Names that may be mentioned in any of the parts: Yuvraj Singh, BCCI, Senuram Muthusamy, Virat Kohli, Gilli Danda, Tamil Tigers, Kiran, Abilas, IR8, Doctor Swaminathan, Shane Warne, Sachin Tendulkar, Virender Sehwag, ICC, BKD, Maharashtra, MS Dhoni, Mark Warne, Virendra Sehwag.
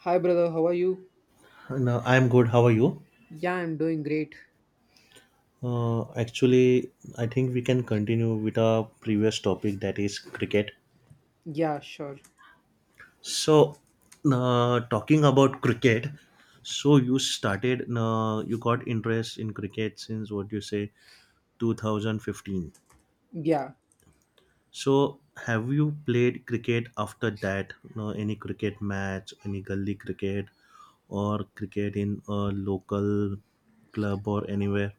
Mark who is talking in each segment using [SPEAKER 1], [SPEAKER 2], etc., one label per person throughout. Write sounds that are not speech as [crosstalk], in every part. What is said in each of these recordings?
[SPEAKER 1] Hi, brother. How are you?
[SPEAKER 2] No, I'm good. How are you?
[SPEAKER 1] Yeah, I'm doing great.
[SPEAKER 2] Actually, I think we can continue with our previous topic that is cricket.
[SPEAKER 1] Yeah, sure.
[SPEAKER 2] So, Talking about cricket, so you started, you got interest in cricket since what you say 2015.
[SPEAKER 1] Yeah.
[SPEAKER 2] So, have you played cricket after that? No, any cricket match, any gully cricket, or cricket in a local club or anywhere?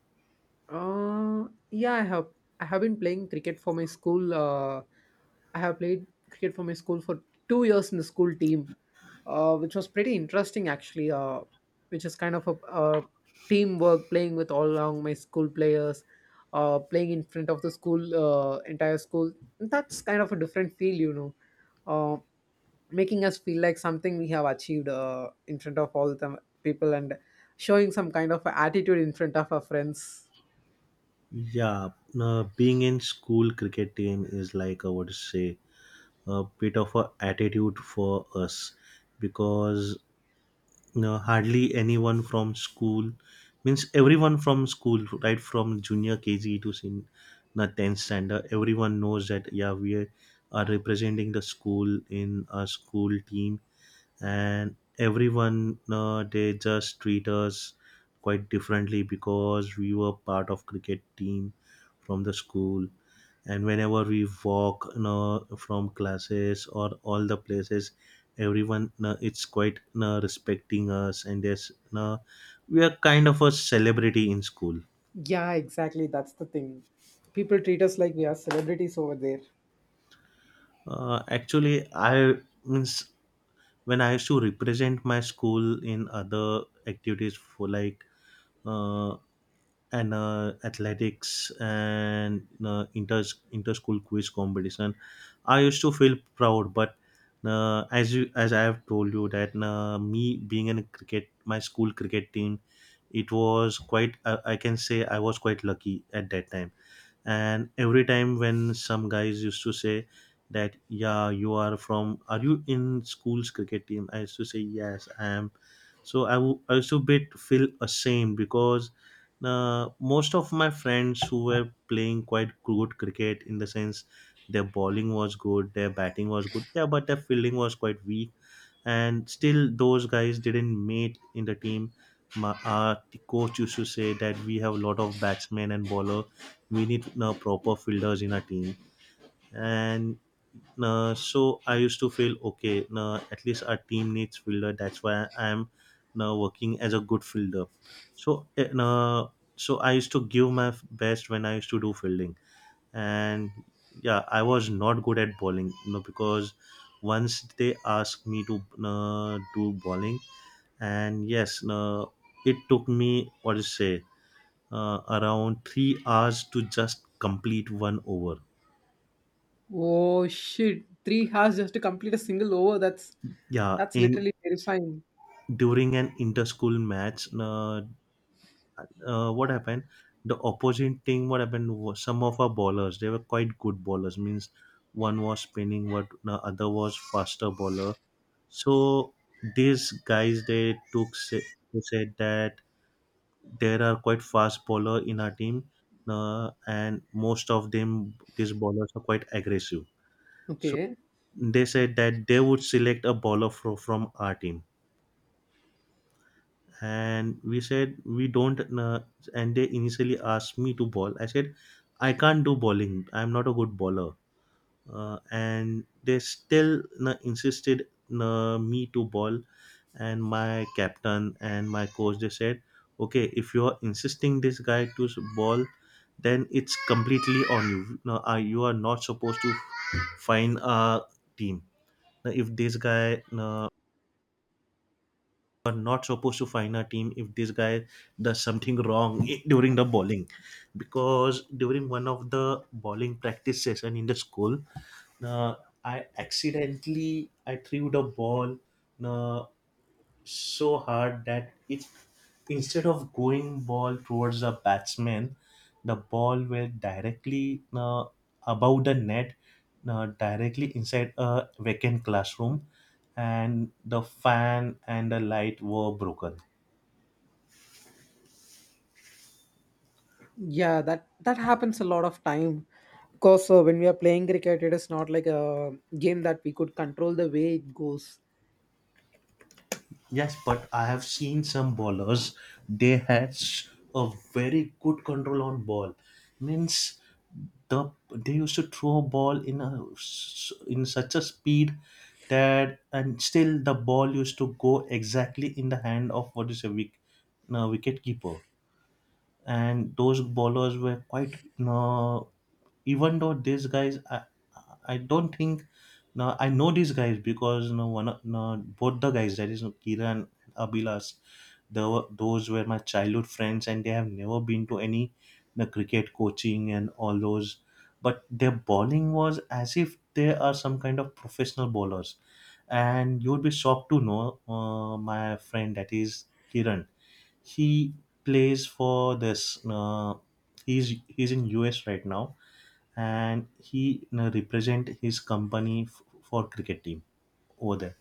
[SPEAKER 1] Yeah, I have. I have been playing cricket for my school. I have played cricket for my school for 2 years in the school team, which was pretty interesting actually. Which is kind of a, teamwork, playing with all along my school players, playing in front of the school, entire school. That's kind of a different feel. Uh, Making us feel like something we have achieved in front of all the people and showing some kind of attitude in front of our friends.
[SPEAKER 2] Yeah, being in school cricket team is like I would say a bit of a attitude for us because you know, hardly anyone from school means everyone from school, right from junior KG to na 10th standard, everyone knows that yeah we are representing the school in a school team, and everyone they just treat us quite differently because we were part of cricket team from the school. And whenever we walk, you know, from classes or all the places, everyone it's quite, you know, respecting us, and there's, you know, we are kind of a celebrity in school.
[SPEAKER 1] Yeah, exactly. That's the thing. People treat us like we are celebrities over there.
[SPEAKER 2] Actually, I means when I used to represent my school in other activities for like uh, and athletics and inter school quiz competition, I used to feel proud. But as you as I have told you that me being in a cricket my school cricket team, it was quite I can say I was quite lucky at that time. And every time when some guys used to say that yeah you are from are you in school's cricket team, I used to say yes I am. So I used to bit feel ashamed because most of my friends who were playing quite good cricket, in the sense their bowling was good, their batting was good, yeah, but their fielding was quite weak, and still those guys didn't mate in the team. Our coach used to say that we have a lot of batsmen and bowler, we need proper fielders in our team. And so I used to feel okay. At least our team needs fielder. That's why I'm now working as a good fielder. So I used to give my best when I used to do fielding, and yeah, I was not good at bowling. You know, because once they asked me to do bowling, and yes, it took me what to say around 3 hours to just complete one over.
[SPEAKER 1] Oh shit! 3 hours just to complete a single over. That's
[SPEAKER 2] Yeah,
[SPEAKER 1] that's
[SPEAKER 2] in
[SPEAKER 1] literally terrifying.
[SPEAKER 2] during an inter-school match, what happened, the opposite team, what happened was some of our bowlers they were quite good bowlers, means one was spinning, what the other was faster bowler. So these guys they took say, they said that there are quite fast bowler in our team, and most of them, these bowlers are quite aggressive. So
[SPEAKER 1] Okay.
[SPEAKER 2] they said that they would select a bowler from our team, and we said we don't, and they initially asked me to ball. I said I can't do bowling, I'm not a good bowler. And they still insisted, me to bowl. And my captain and my coach they said okay, if you are insisting this guy to ball, then it's completely on you, no, you are not supposed to find a team. Now, if this guy are not supposed to fine a team, if this guy does something wrong during the bowling. Because during one of the bowling practice session in the school, uh, I accidentally I threw the ball uh, so hard that it, instead of going ball towards the batsman, the ball went directly above the net, directly inside a vacant classroom, and the fan and the light were broken.
[SPEAKER 1] Yeah, that happens a lot of time. Because when we are playing cricket, it is not like a game that we could control the way it goes.
[SPEAKER 2] Yes, but I have seen some bowlers. They had a very good control on ball. Means they used to throw a ball in a in such a speed, that and still the ball used to go exactly in the hand of what is a wick, no, wicket keeper. And those bowlers were quite uh, even though these guys I don't think now I know these guys because you know one of- no, both the guys that is Kiran and Abilas, they were, those were my childhood friends, and they have never been to any, you know, cricket coaching and all those, but their bowling was as if they are some kind of professional bowlers. And you would be shocked to know, my friend that is Kiran, he plays for this. He's in US right now, and he represent his company for cricket team over there.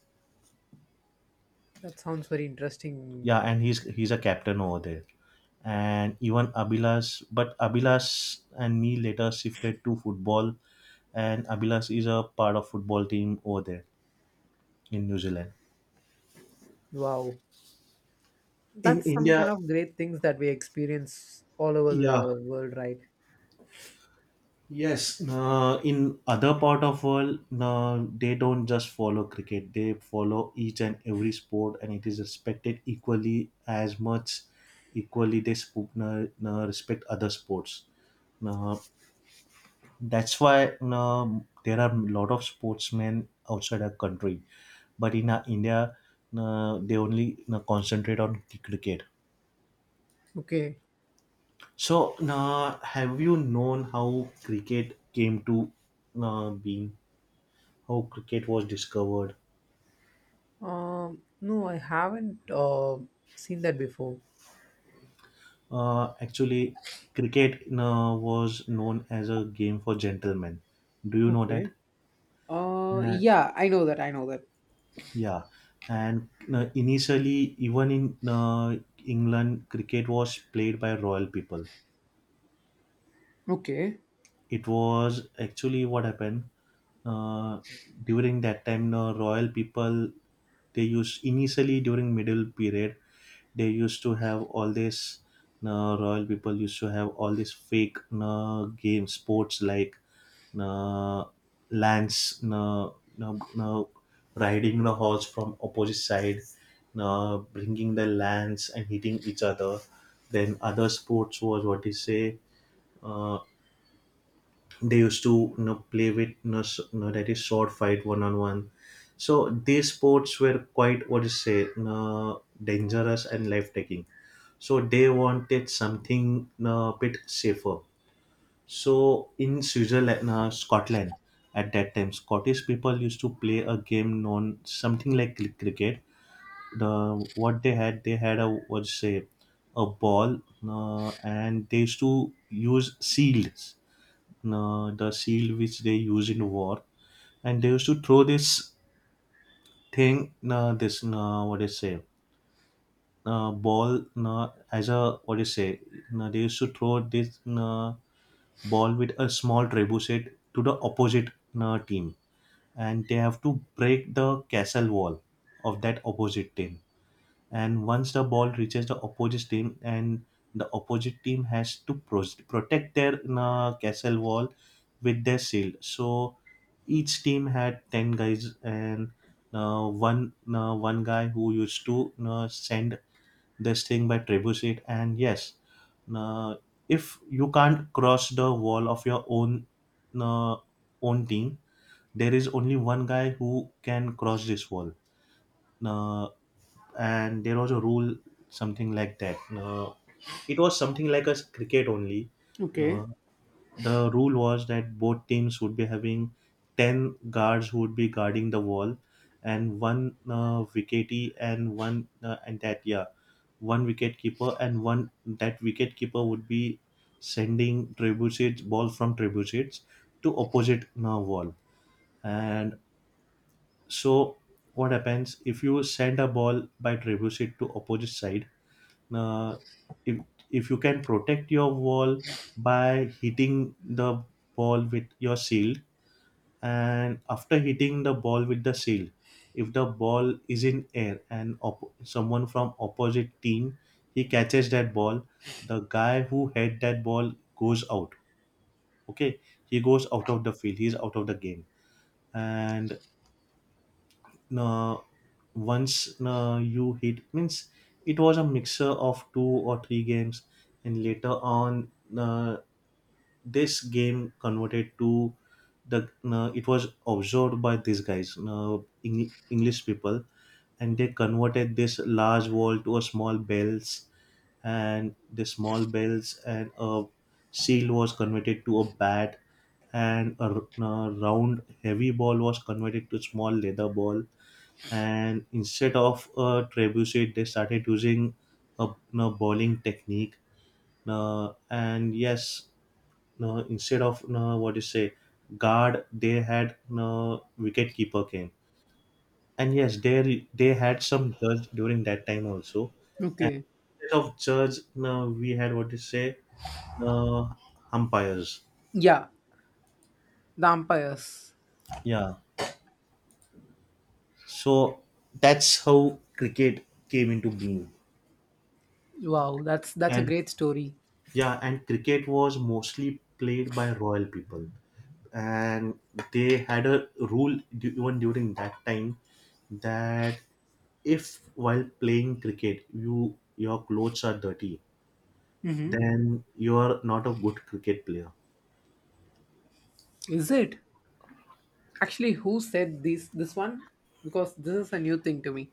[SPEAKER 1] That sounds very interesting.
[SPEAKER 2] Yeah, and he's a captain over there. And even Abilas, but Abilas and me later shifted to football, and Abilas is a part of football team over there in New Zealand.
[SPEAKER 1] Wow,
[SPEAKER 2] In
[SPEAKER 1] that's some
[SPEAKER 2] India,
[SPEAKER 1] kind of great things that we experience all over
[SPEAKER 2] yeah,
[SPEAKER 1] the world, right?
[SPEAKER 2] yes, in other part of world, they don't just follow cricket. They follow each and every sport, and it is respected equally as much. Equally, they respect other sports. Uh, that's why there are a lot of sportsmen outside our country, but in India, they only concentrate on cricket.
[SPEAKER 1] Okay.
[SPEAKER 2] So, have you known how cricket came to being? How cricket was discovered.
[SPEAKER 1] No, I haven't seen that before.
[SPEAKER 2] Actually, cricket was known as a game for gentlemen. Do you know that?
[SPEAKER 1] Okay. Uh,
[SPEAKER 2] Uh,
[SPEAKER 1] yeah, I know that. I know that.
[SPEAKER 2] yeah, and initially, even in England, cricket was played by royal people.
[SPEAKER 1] Okay.
[SPEAKER 2] It was actually what happened uh, during that time. The royal people they used initially during middle period. They used to have all this royal people used to have all these fake game sports like uh, lance uh, uh, riding the horse from opposite side, bringing the lance and hitting each other. Then other sports was what you say, uh, they used to, you know, play with, you know, you know, that is sword fight one on one. So these sports were quite what you say, you dangerous and life taking. So they wanted something a bit safer. So in switzerland, scotland, at that time scottish people used to play a game known something like cricket. The What they had, they had a what say, a ball, and they used to use shields, the shield which they use in war. And they used to throw this thing this what do say, ball as a what do you say, they used to throw this ball with a small trebuchet to the opposite team. And they have to break the castle wall of that opposite team. And once the ball reaches the opposite team, and the opposite team has to protect their castle wall with their shield. So each team had 10 guys, and one one guy who used to send this thing by trebuchet. And yes, uh, if you can't cross the wall of your own, uh, own team, there is only one guy who can cross this wall. uh, and there was a rule something like that, it was something like a cricket only. Uh,
[SPEAKER 1] Okay.
[SPEAKER 2] the rule was that both teams would be having 10 guards who would be guarding the wall, and one wicketee and one and that yeah, one wicket keeper, and one that wicket keeper would be sending trebuchets ball from trebuchets to opposite wall. And so what happens if you send a ball by trebuchet to opposite side, uh, if if you can protect your wall by hitting the ball with your shield, and after hitting the ball with the shield, if the ball is in air and someone from opposite team he catches that ball, the guy who had that ball goes out. Okay, he goes out of the field, he's out of the game. And uh, once you hit means it was a mixture of two or three games. And later on, uh, this game converted to the it was observed by these guys, english people, and they converted this large wall to a small bells, and the small bells and a seal was converted to a bat, and a, a round heavy ball was converted to small leather ball. And instead of a trebuchet they started using a, a bowling technique. And yes, no, instead of no what you say, guard, they had no wicket keeper came. And yes, they had some judge during that time also.
[SPEAKER 1] Okay.
[SPEAKER 2] Instead of judge, no, we had what you say, no, umpires.
[SPEAKER 1] Yeah, the umpires.
[SPEAKER 2] Yeah, so that's how cricket came into being.
[SPEAKER 1] Wow, that's a
[SPEAKER 2] And
[SPEAKER 1] great story.
[SPEAKER 2] yeah, and cricket was mostly played by royal people, and they had a rule even during that time, that if while playing cricket you your clothes are dirty,
[SPEAKER 1] Mm-hmm.
[SPEAKER 2] then you are not a good cricket player.
[SPEAKER 1] Is it? Actually, who said this? This one? Because this is a new thing to me.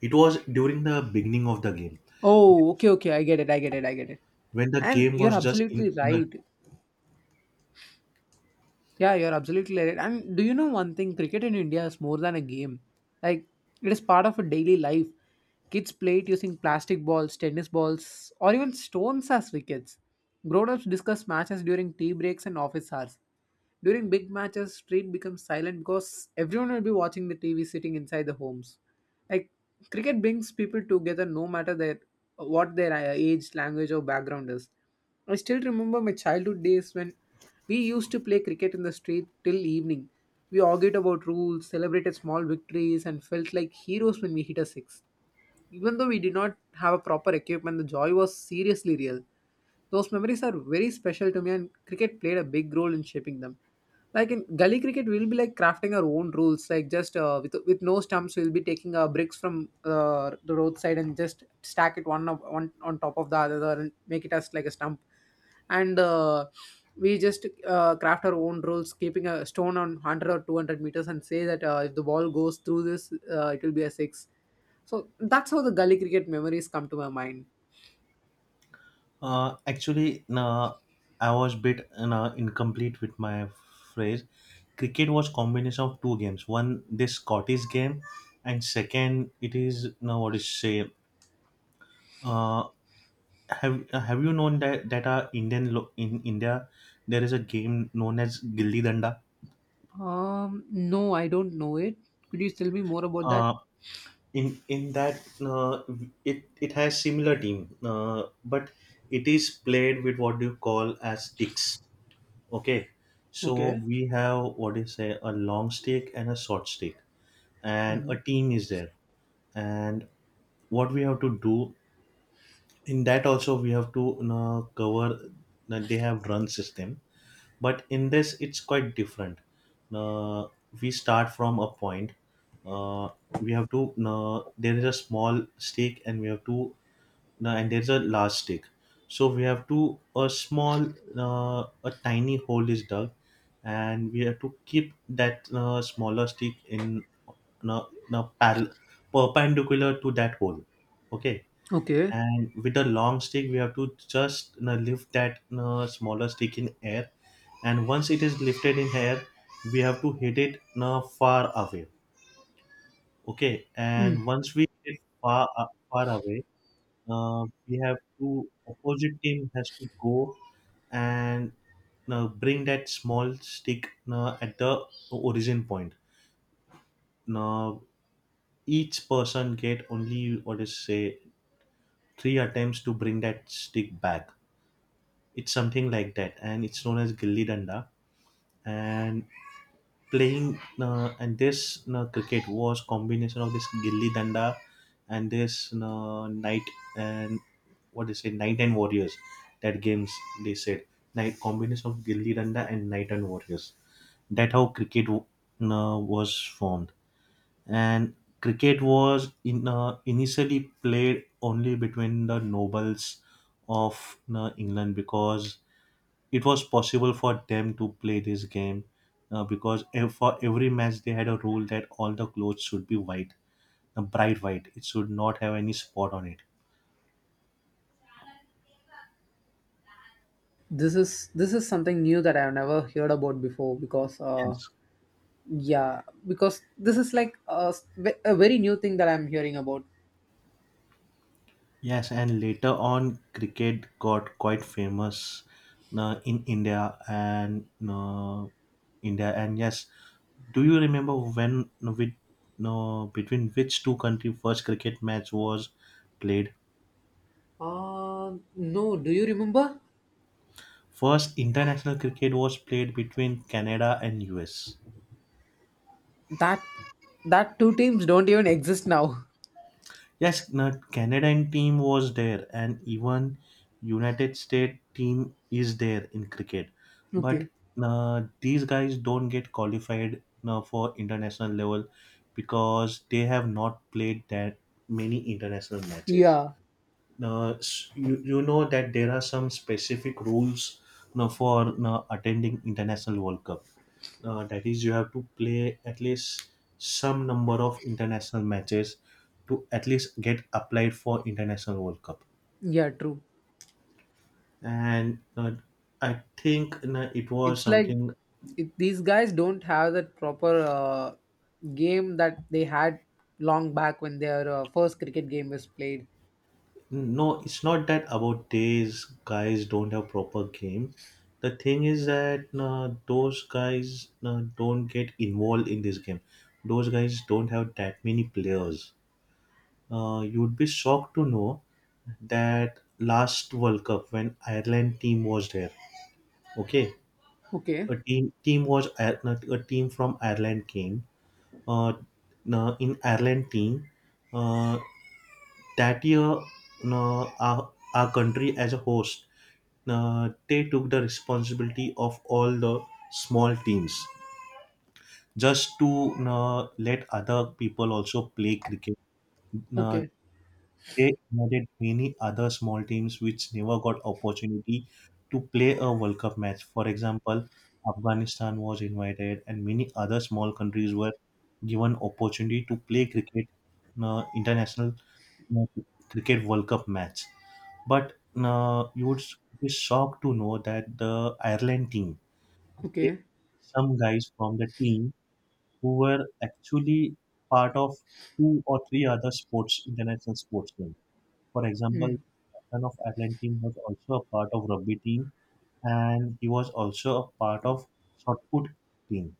[SPEAKER 2] It was during the beginning of the game
[SPEAKER 1] Oh, okay, okay. I get it. I get it. I get it.
[SPEAKER 2] when the
[SPEAKER 1] And
[SPEAKER 2] game
[SPEAKER 1] you're
[SPEAKER 2] was just in.
[SPEAKER 1] absolutely right. Yeah, you're absolutely right. And do you know one thing? Cricket in India is more than a game. Like it is part of a daily life. Kids play it using plastic balls, tennis balls, or even stones as wickets. Grown-ups discuss matches during tea breaks and office hours. During big matches, street becomes silent because everyone will be watching the TV sitting inside the homes. Like cricket brings people together no matter their what their age, language or background is. I still remember my childhood days when we used to play cricket in the street till evening. We argued about rules, celebrated small victories and felt like heroes when we hit a six. Even though we did not have a proper equipment, the joy was seriously real. Those memories are very special to me, and cricket played a big role in shaping them. Like in gully cricket, we'll be like crafting our own rules. Like just with no stumps, we'll be taking bricks from the roadside and just stack it one on top of the other and make it as like a stump and we just craft our own rules keeping a stone on 100 or 200 meters and say that if the ball goes through this it will be a six. So that's how the gully cricket memories come to my mind.
[SPEAKER 2] No, I was bit no, incomplete with my phrase. Cricket was combination of two games. One, this Scottish game, and second, it is now what is say. Uh, Have you known that our Indian lo- in India there is a game known as Gilli Danda.
[SPEAKER 1] No, I don't know it. Could you tell me more about that?
[SPEAKER 2] Uh, in that it has similar team, but it is played with what do you call as sticks. Okay, so
[SPEAKER 1] Okay.
[SPEAKER 2] we have what do you say a long stick and a short stick, and a
[SPEAKER 1] Mhm.
[SPEAKER 2] team is there. And what we have to do in that also we have to, you know, cover. You know, they have run system, but in this it's quite different. Uh, we start from a point. Uh, we have to, you there is a small stick, and we have to now, and there's a large stick. So we have to a small a tiny hole is dug, and we have to keep that smaller stick in a, in a parallel perpendicular to that hole. Okay,
[SPEAKER 1] Okay.
[SPEAKER 2] and with a long stick we have to just, you know, lift that, you know, smaller stick in air, and once it is lifted in air, we have to hit it, you know, far away. Okay,
[SPEAKER 1] Mm.
[SPEAKER 2] and once we hit it far far away we have to opposite team has to go and bring that small stick at the origin point. Now each person get only what is say three attempts to bring that stick back. It's something like that, and it's known as gilli danda. And playing and this cricket was combination of this gilli danda and this night and what they say Knight and Warriors. That games they said night combination of Gilli Danda and Knight and Warriors. That how cricket was formed. And cricket was in initially played only between the nobles of England because it was possible for them to play this game because ev- for every match they had a rule that all the clothes should be white, bright white. It should not have any spot on it.
[SPEAKER 1] This is something new that I've never heard about before because
[SPEAKER 2] Yes.
[SPEAKER 1] yeah, because this is like a very new thing that I'm hearing about.
[SPEAKER 2] Yes, and later on, cricket got quite famous in India and India. And yes, do you remember when with no between which two country first cricket match was played?
[SPEAKER 1] No, do you remember
[SPEAKER 2] First international cricket was played between Canada and US.
[SPEAKER 1] that that two teams don't even exist now.
[SPEAKER 2] Yes, the Canadian team was there, and even United States team is there in cricket. But
[SPEAKER 1] Okay.
[SPEAKER 2] these guys don't get qualified for international level because they have not played that many international matches.
[SPEAKER 1] Yeah,
[SPEAKER 2] You, you know that there are some specific rules now for now attending international world cup, that is you have to play at least some number of international matches to at least get applied for international world cup.
[SPEAKER 1] yeah, true.
[SPEAKER 2] And I think it was
[SPEAKER 1] It's like
[SPEAKER 2] something.
[SPEAKER 1] these guys don't have that proper game that they had long back when their first cricket game was played.
[SPEAKER 2] No, it's not that about these guys don't have proper game. The thing is that those guys don't get involved in this game. Those guys don't have that many players. You would be shocked to know that last World Cup when Ireland team was there. Okay,
[SPEAKER 1] Okay,
[SPEAKER 2] a team was Ir- a team from Ireland came. Uh, in Ireland team, uh, that year, our country as a host, they took the responsibility of all the small teams just to let other people also play cricket. Uh,
[SPEAKER 1] okay,
[SPEAKER 2] they added many other small teams which never got opportunity to play a World Cup match. For example, Afghanistan was invited, and many other small countries were given opportunity to play cricket, international uh, cricket World Cup match. But you would be shocked to know that the Ireland team, they-
[SPEAKER 1] okay.
[SPEAKER 2] some guys from the team who were actually part of two or three other sports, international sports teams. For example,
[SPEAKER 1] Mm.
[SPEAKER 2] captain of Ireland team was also a part of rugby team, and he was also a part of shot put team.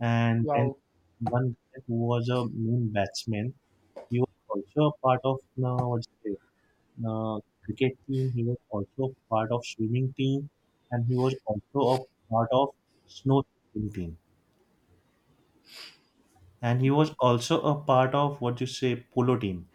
[SPEAKER 2] And then
[SPEAKER 1] Wow,
[SPEAKER 2] one guy who was a main batsman, he was also a part of what's it, cricket team. He was also part of swimming team, and he was also a part of snow team. And he was also a part of what you say polo team.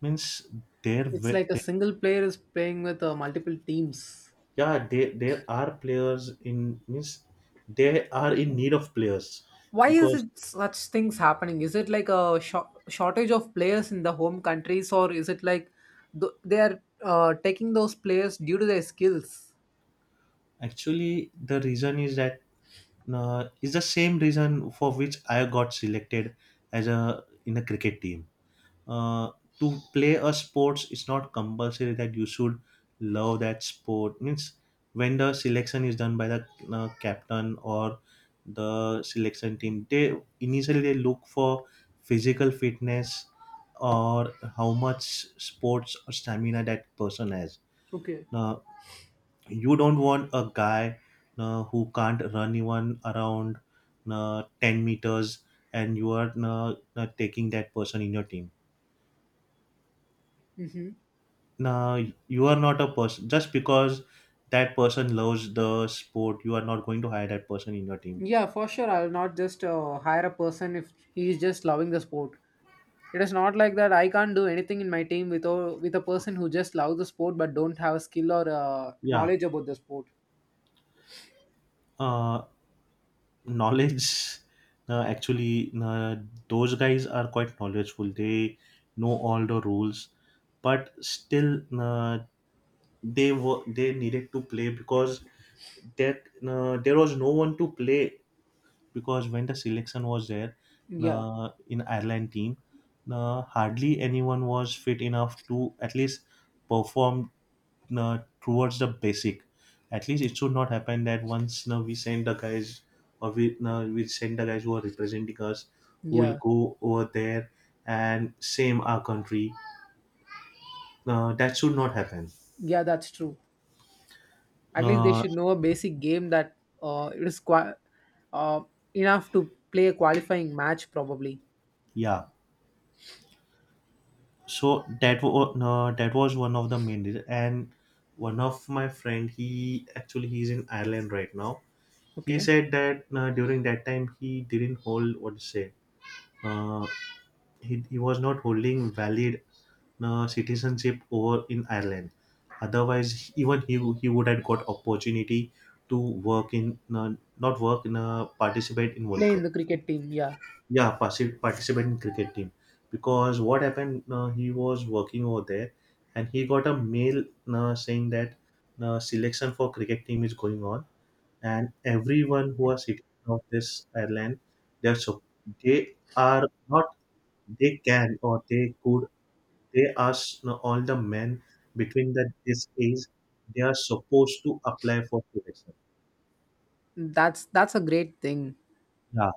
[SPEAKER 2] Means there,
[SPEAKER 1] it's
[SPEAKER 2] were-
[SPEAKER 1] like a
[SPEAKER 2] there
[SPEAKER 1] single player is playing with multiple teams.
[SPEAKER 2] yeah, there are players in means they are in need of players
[SPEAKER 1] Why is
[SPEAKER 2] because
[SPEAKER 1] it such things happening? Is it like a shortage of players in the home countries, or is it like they are taking those players due to their skills?
[SPEAKER 2] actually the reason is that is the same reason for which I got selected as a in a cricket team uh, to play a sports. It's not compulsory that you should love that sport means when the selection is done by the captain or the selection team they initially they look for physical fitness or how much sports or stamina that person has
[SPEAKER 1] Okay.
[SPEAKER 2] now. You don't want a guy who can't run even around 10 meters and you are taking that person in your team.
[SPEAKER 1] Mm-hmm.
[SPEAKER 2] Now you are not a person just because that person loves the sport. You are not going to hire that person in your team.
[SPEAKER 1] Yeah, for sure. I'll not just hire a person if he is just loving the sport. It is not like that. I can't do anything in my team with a person who just loves the sport but don't have a skill or
[SPEAKER 2] Yeah,
[SPEAKER 1] knowledge about the sport.
[SPEAKER 2] uh, knowledge. [laughs] Uh, actually, uh, those guys are quite knowledgeable. They know all the rules, but still, they needed to play because that there was no one to play because when the selection was there
[SPEAKER 1] Yeah,
[SPEAKER 2] in Ireland team, hardly anyone was fit enough to at least perform towards the basic. At least it should not happen that once we send the guys or we send the guys who are representing us who will
[SPEAKER 1] yeah,
[SPEAKER 2] go over there and same our country. That should not happen.
[SPEAKER 1] yeah. That's true. At least they
[SPEAKER 2] Uh,
[SPEAKER 1] should know a basic game that it is uh, enough to play a qualifying match probably.
[SPEAKER 2] yeah. So that was no, that was one of the main reason. And one of my friend, he actually he's in Ireland right now. He
[SPEAKER 1] Okay.
[SPEAKER 2] said that during that time he didn't hold what to say, uh, he was not holding valid citizenship over in Ireland, otherwise even he would have got opportunity to work in not work in participate in world
[SPEAKER 1] Play
[SPEAKER 2] cup,
[SPEAKER 1] in the cricket team. Yeah,
[SPEAKER 2] yeah, particip- participate in cricket team because what happened? He was working over there, and he got a mail saying that selection for cricket team is going on, and everyone who are sitting of this airline, they're so they are not they can or they could they ask all the men between that this age they are supposed to apply for selection.
[SPEAKER 1] that's a great thing.
[SPEAKER 2] Yeah,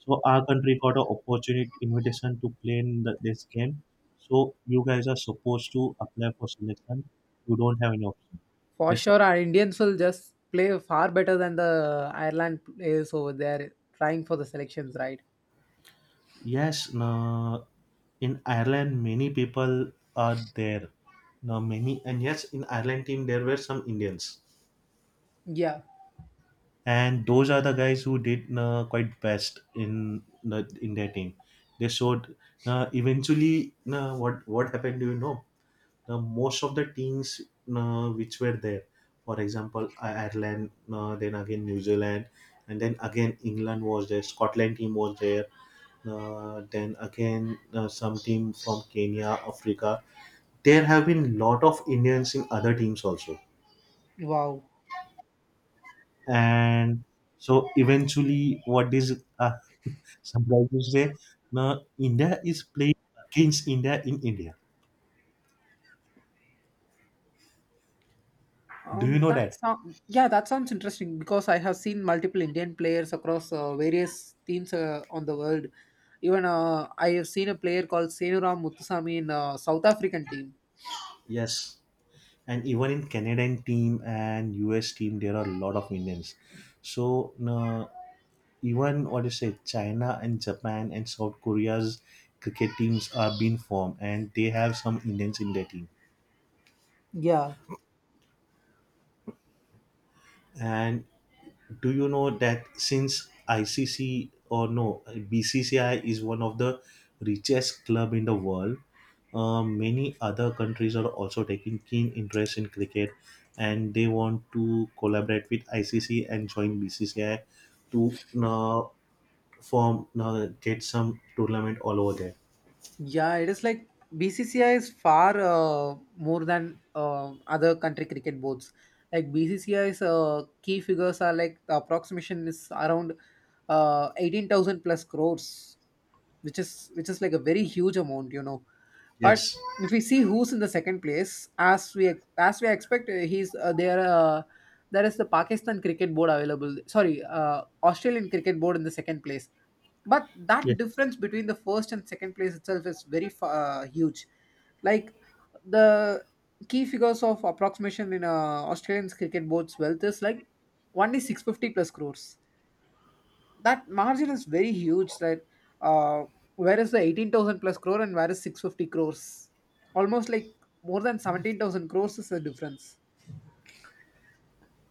[SPEAKER 2] so our country got an opportunity invitation to play in the, this game. So you guys are supposed to apply for selection. You don't have any option.
[SPEAKER 1] For
[SPEAKER 2] Rest of-
[SPEAKER 1] sure, our Indians will just play far better than the Ireland players over there trying for the selections, right?
[SPEAKER 2] yes, no, in Ireland many people are there. No, many and yes, in Ireland team there were some Indians,
[SPEAKER 1] Yeah.
[SPEAKER 2] and those are the guys who did no, quite best in the in their team. They showed. No, eventually, no, what happened? Do you know? Now, most of the teams which were there, for example, I- Ireland, then again New Zealand, and then again England was there, Scotland team was there, then again some team from Kenya, Africa. There have been lot of Indians in other teams also,
[SPEAKER 1] Wow.
[SPEAKER 2] and so eventually, what is [laughs] surprised to say, now India is playing against India in India. Do you
[SPEAKER 1] Um,
[SPEAKER 2] know
[SPEAKER 1] that
[SPEAKER 2] that?
[SPEAKER 1] sound, yeah, that sounds interesting because I have seen multiple Indian players across various teams on the world. Even I have seen a player called Senuram Muthusamy in South African team.
[SPEAKER 2] Yes. And even in Canadian team and US team, there are a lot of Indians. So even what do you say, China and Japan and South Korea's cricket teams are being formed, and they have some Indians in their team.
[SPEAKER 1] Yeah.
[SPEAKER 2] And do you know that since ICC or no BCCI is one of the richest club in the world, many other countries are also taking keen interest in cricket, and they want to collaborate with ICC and join BCCI to form get some tournament all over there.
[SPEAKER 1] Yeah, it is like BCCI is far more than other country cricket boards. Like BCCI's key figures are like the approximation is around 18,000 plus crores, which is like a very huge amount. But
[SPEAKER 2] Yes.
[SPEAKER 1] if we see who's in the second place, as we expect, he's there. There is the Pakistan Cricket Board available. Sorry, Australian Cricket Board in the second place, but that
[SPEAKER 2] Yes.
[SPEAKER 1] difference between the first and second place itself is very huge. Like the key figures of approximation in Australian cricket board's wealth is like only 650 plus crores. That margin is very huge, right? uh, where is the 18,000 plus crore, and where is 650 crores? Almost like more than 17,000 crores is the difference.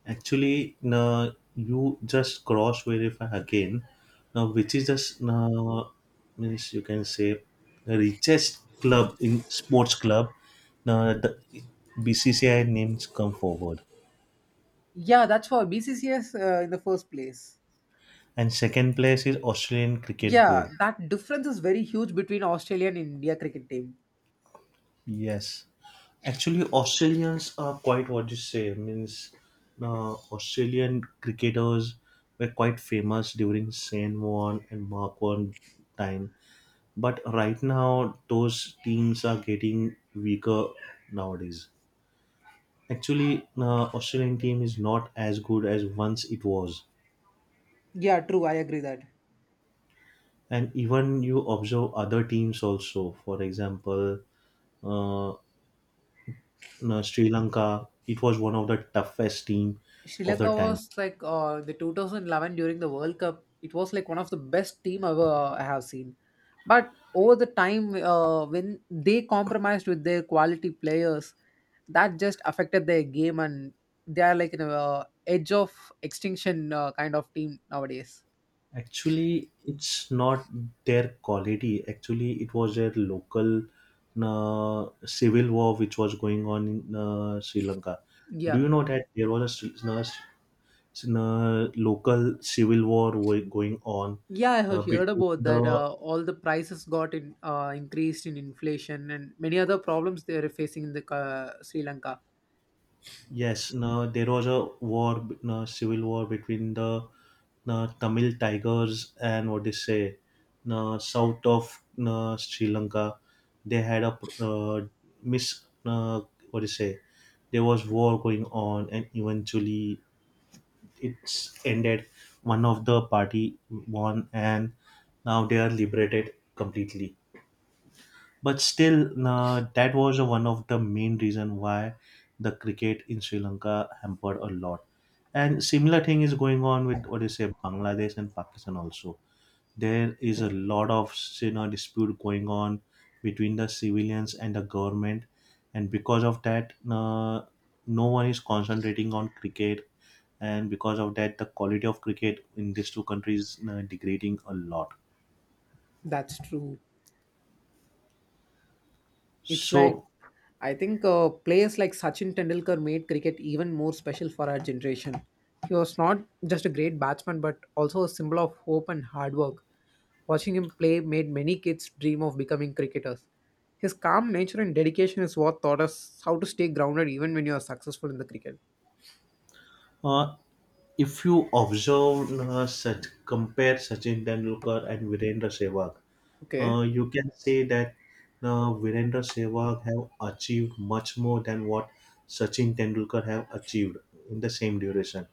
[SPEAKER 2] Actually, no, you just cross verify again. Now, which is just no, means you can say the richest club in sports club. Now, the BCCI names come forward,
[SPEAKER 1] Yeah, that's for BCCS in the first place.
[SPEAKER 2] and second place is Australian Cricket
[SPEAKER 1] Yeah,
[SPEAKER 2] Board.
[SPEAKER 1] that difference is very huge between Australia and India cricket team.
[SPEAKER 2] Yes, actually, Australians are quite what you say means. Australian cricketers were quite famous during Shane Warne and Mark Warne time, but right now those teams are getting weaker nowadays. Actually Australian team is not as good as once it was.
[SPEAKER 1] Yeah, true. I agree that.
[SPEAKER 2] And even you observe other teams also, for example, uh, Sri Lanka, it was one of the toughest team
[SPEAKER 1] Sri
[SPEAKER 2] of the
[SPEAKER 1] Lanka
[SPEAKER 2] time.
[SPEAKER 1] was like the 2011 during the World Cup. It was like one of the best team ever I have seen. But over the time, when they compromised with their quality players, that just affected their game, and they are like an a edge of extinction kind of team nowadays.
[SPEAKER 2] Actually, it's not their quality. Actually, it was their local civil war which was going on in Sri Lanka. Do
[SPEAKER 1] Yeah,
[SPEAKER 2] you know that there was a, local civil war wo- going on
[SPEAKER 1] yeah, I have heard
[SPEAKER 2] between
[SPEAKER 1] about that.
[SPEAKER 2] the
[SPEAKER 1] All the prices got in increased in inflation, and many other problems they are facing in the Sri Lanka.
[SPEAKER 2] yes, no, there was a war, b- no, civil war between the no, Tamil Tigers and what they say, no, south of no, Sri Lanka. They had a pr- miss, no, what they say, there was war going on, and eventually it's ended. One of the party won, and now they are liberated completely. But still, nah, that was one of the main reason why the cricket in Sri Lanka hampered a lot. And similar thing is going on with what you say Bangladesh and Pakistan also. There is a lot of, you know, dispute going on between the civilians and the government, and because of that, nah, no one is concentrating on cricket, and because of that, the quality of cricket in these two countries is nah, degrading a lot.
[SPEAKER 1] That's true. It's like
[SPEAKER 2] So
[SPEAKER 1] I think players like Sachin Tendulkar made cricket even more special for our generation. He was not just a great batsman but also a symbol of hope and hard work. Watching him play made many kids dream of becoming cricketers. His calm nature and dedication is what taught us how to stay grounded even when you are successful in the cricket.
[SPEAKER 2] Uh, if you observe such compare Sachin Tendulkar and Virendra Sehwag,
[SPEAKER 1] Okay.
[SPEAKER 2] you can say that Virendra Sehwag have achieved much more than what Sachin Tendulkar have achieved in the same duration.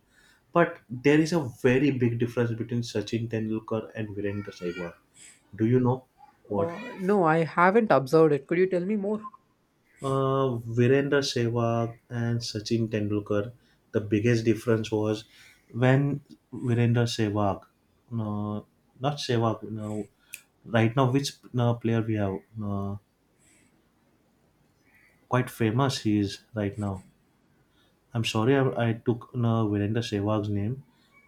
[SPEAKER 2] But there is a very big difference between Sachin Tendulkar and Virendra Sehwag. Do you know what?
[SPEAKER 1] No, I haven't observed it. Could you tell me more?
[SPEAKER 2] Virendra Sehwag and Sachin Tendulkar, the biggest difference was when Virendra Sehwag, uh, not Sehwag, no, right now which player we have, uh, quite famous he is right now. I'm sorry I took Virendra Sehwag's name.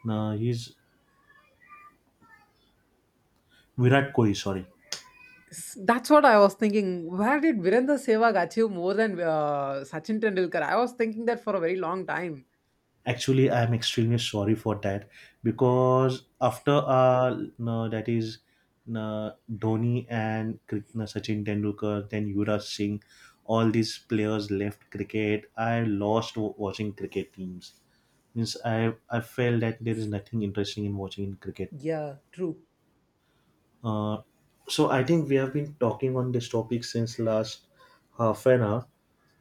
[SPEAKER 2] He's Virat Kohli, sorry.
[SPEAKER 1] That's what I was thinking. Where did Virender Sehwag achieve more than Sachin Tendulkar? I was thinking that for a very long time.
[SPEAKER 2] Actually, I am extremely sorry for that because after that is no, Dhoni and Cri- no, Sachin Tendulkar, then Yuvraj Singh, all these players left cricket. I lost w- watching cricket teams. Means I felt that there is nothing interesting in watching in cricket.
[SPEAKER 1] Yeah, true.
[SPEAKER 2] Uh, so I think we have been talking on this topic since last half an hour.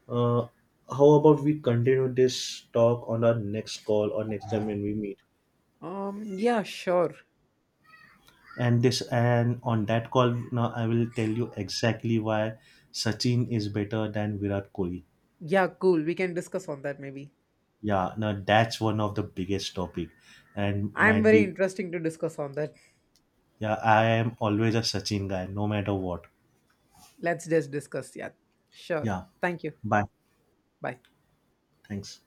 [SPEAKER 2] Uh, how about we continue this talk on our next call or next time when we meet?
[SPEAKER 1] Yeah, sure.
[SPEAKER 2] And this and on that call now I will tell you exactly why Sachin is better than Virat Kohli.
[SPEAKER 1] Yeah, cool. We can discuss on that maybe.
[SPEAKER 2] Yeah, now that's one of the biggest topic and
[SPEAKER 1] I'm
[SPEAKER 2] might
[SPEAKER 1] very
[SPEAKER 2] be.
[SPEAKER 1] interesting to discuss on that.
[SPEAKER 2] Yeah, I am always a Sachin guy no matter what.
[SPEAKER 1] Let's just discuss. Yeah, sure.
[SPEAKER 2] Yeah.
[SPEAKER 1] Thank you.
[SPEAKER 2] Bye.
[SPEAKER 1] Bye.
[SPEAKER 2] Thanks.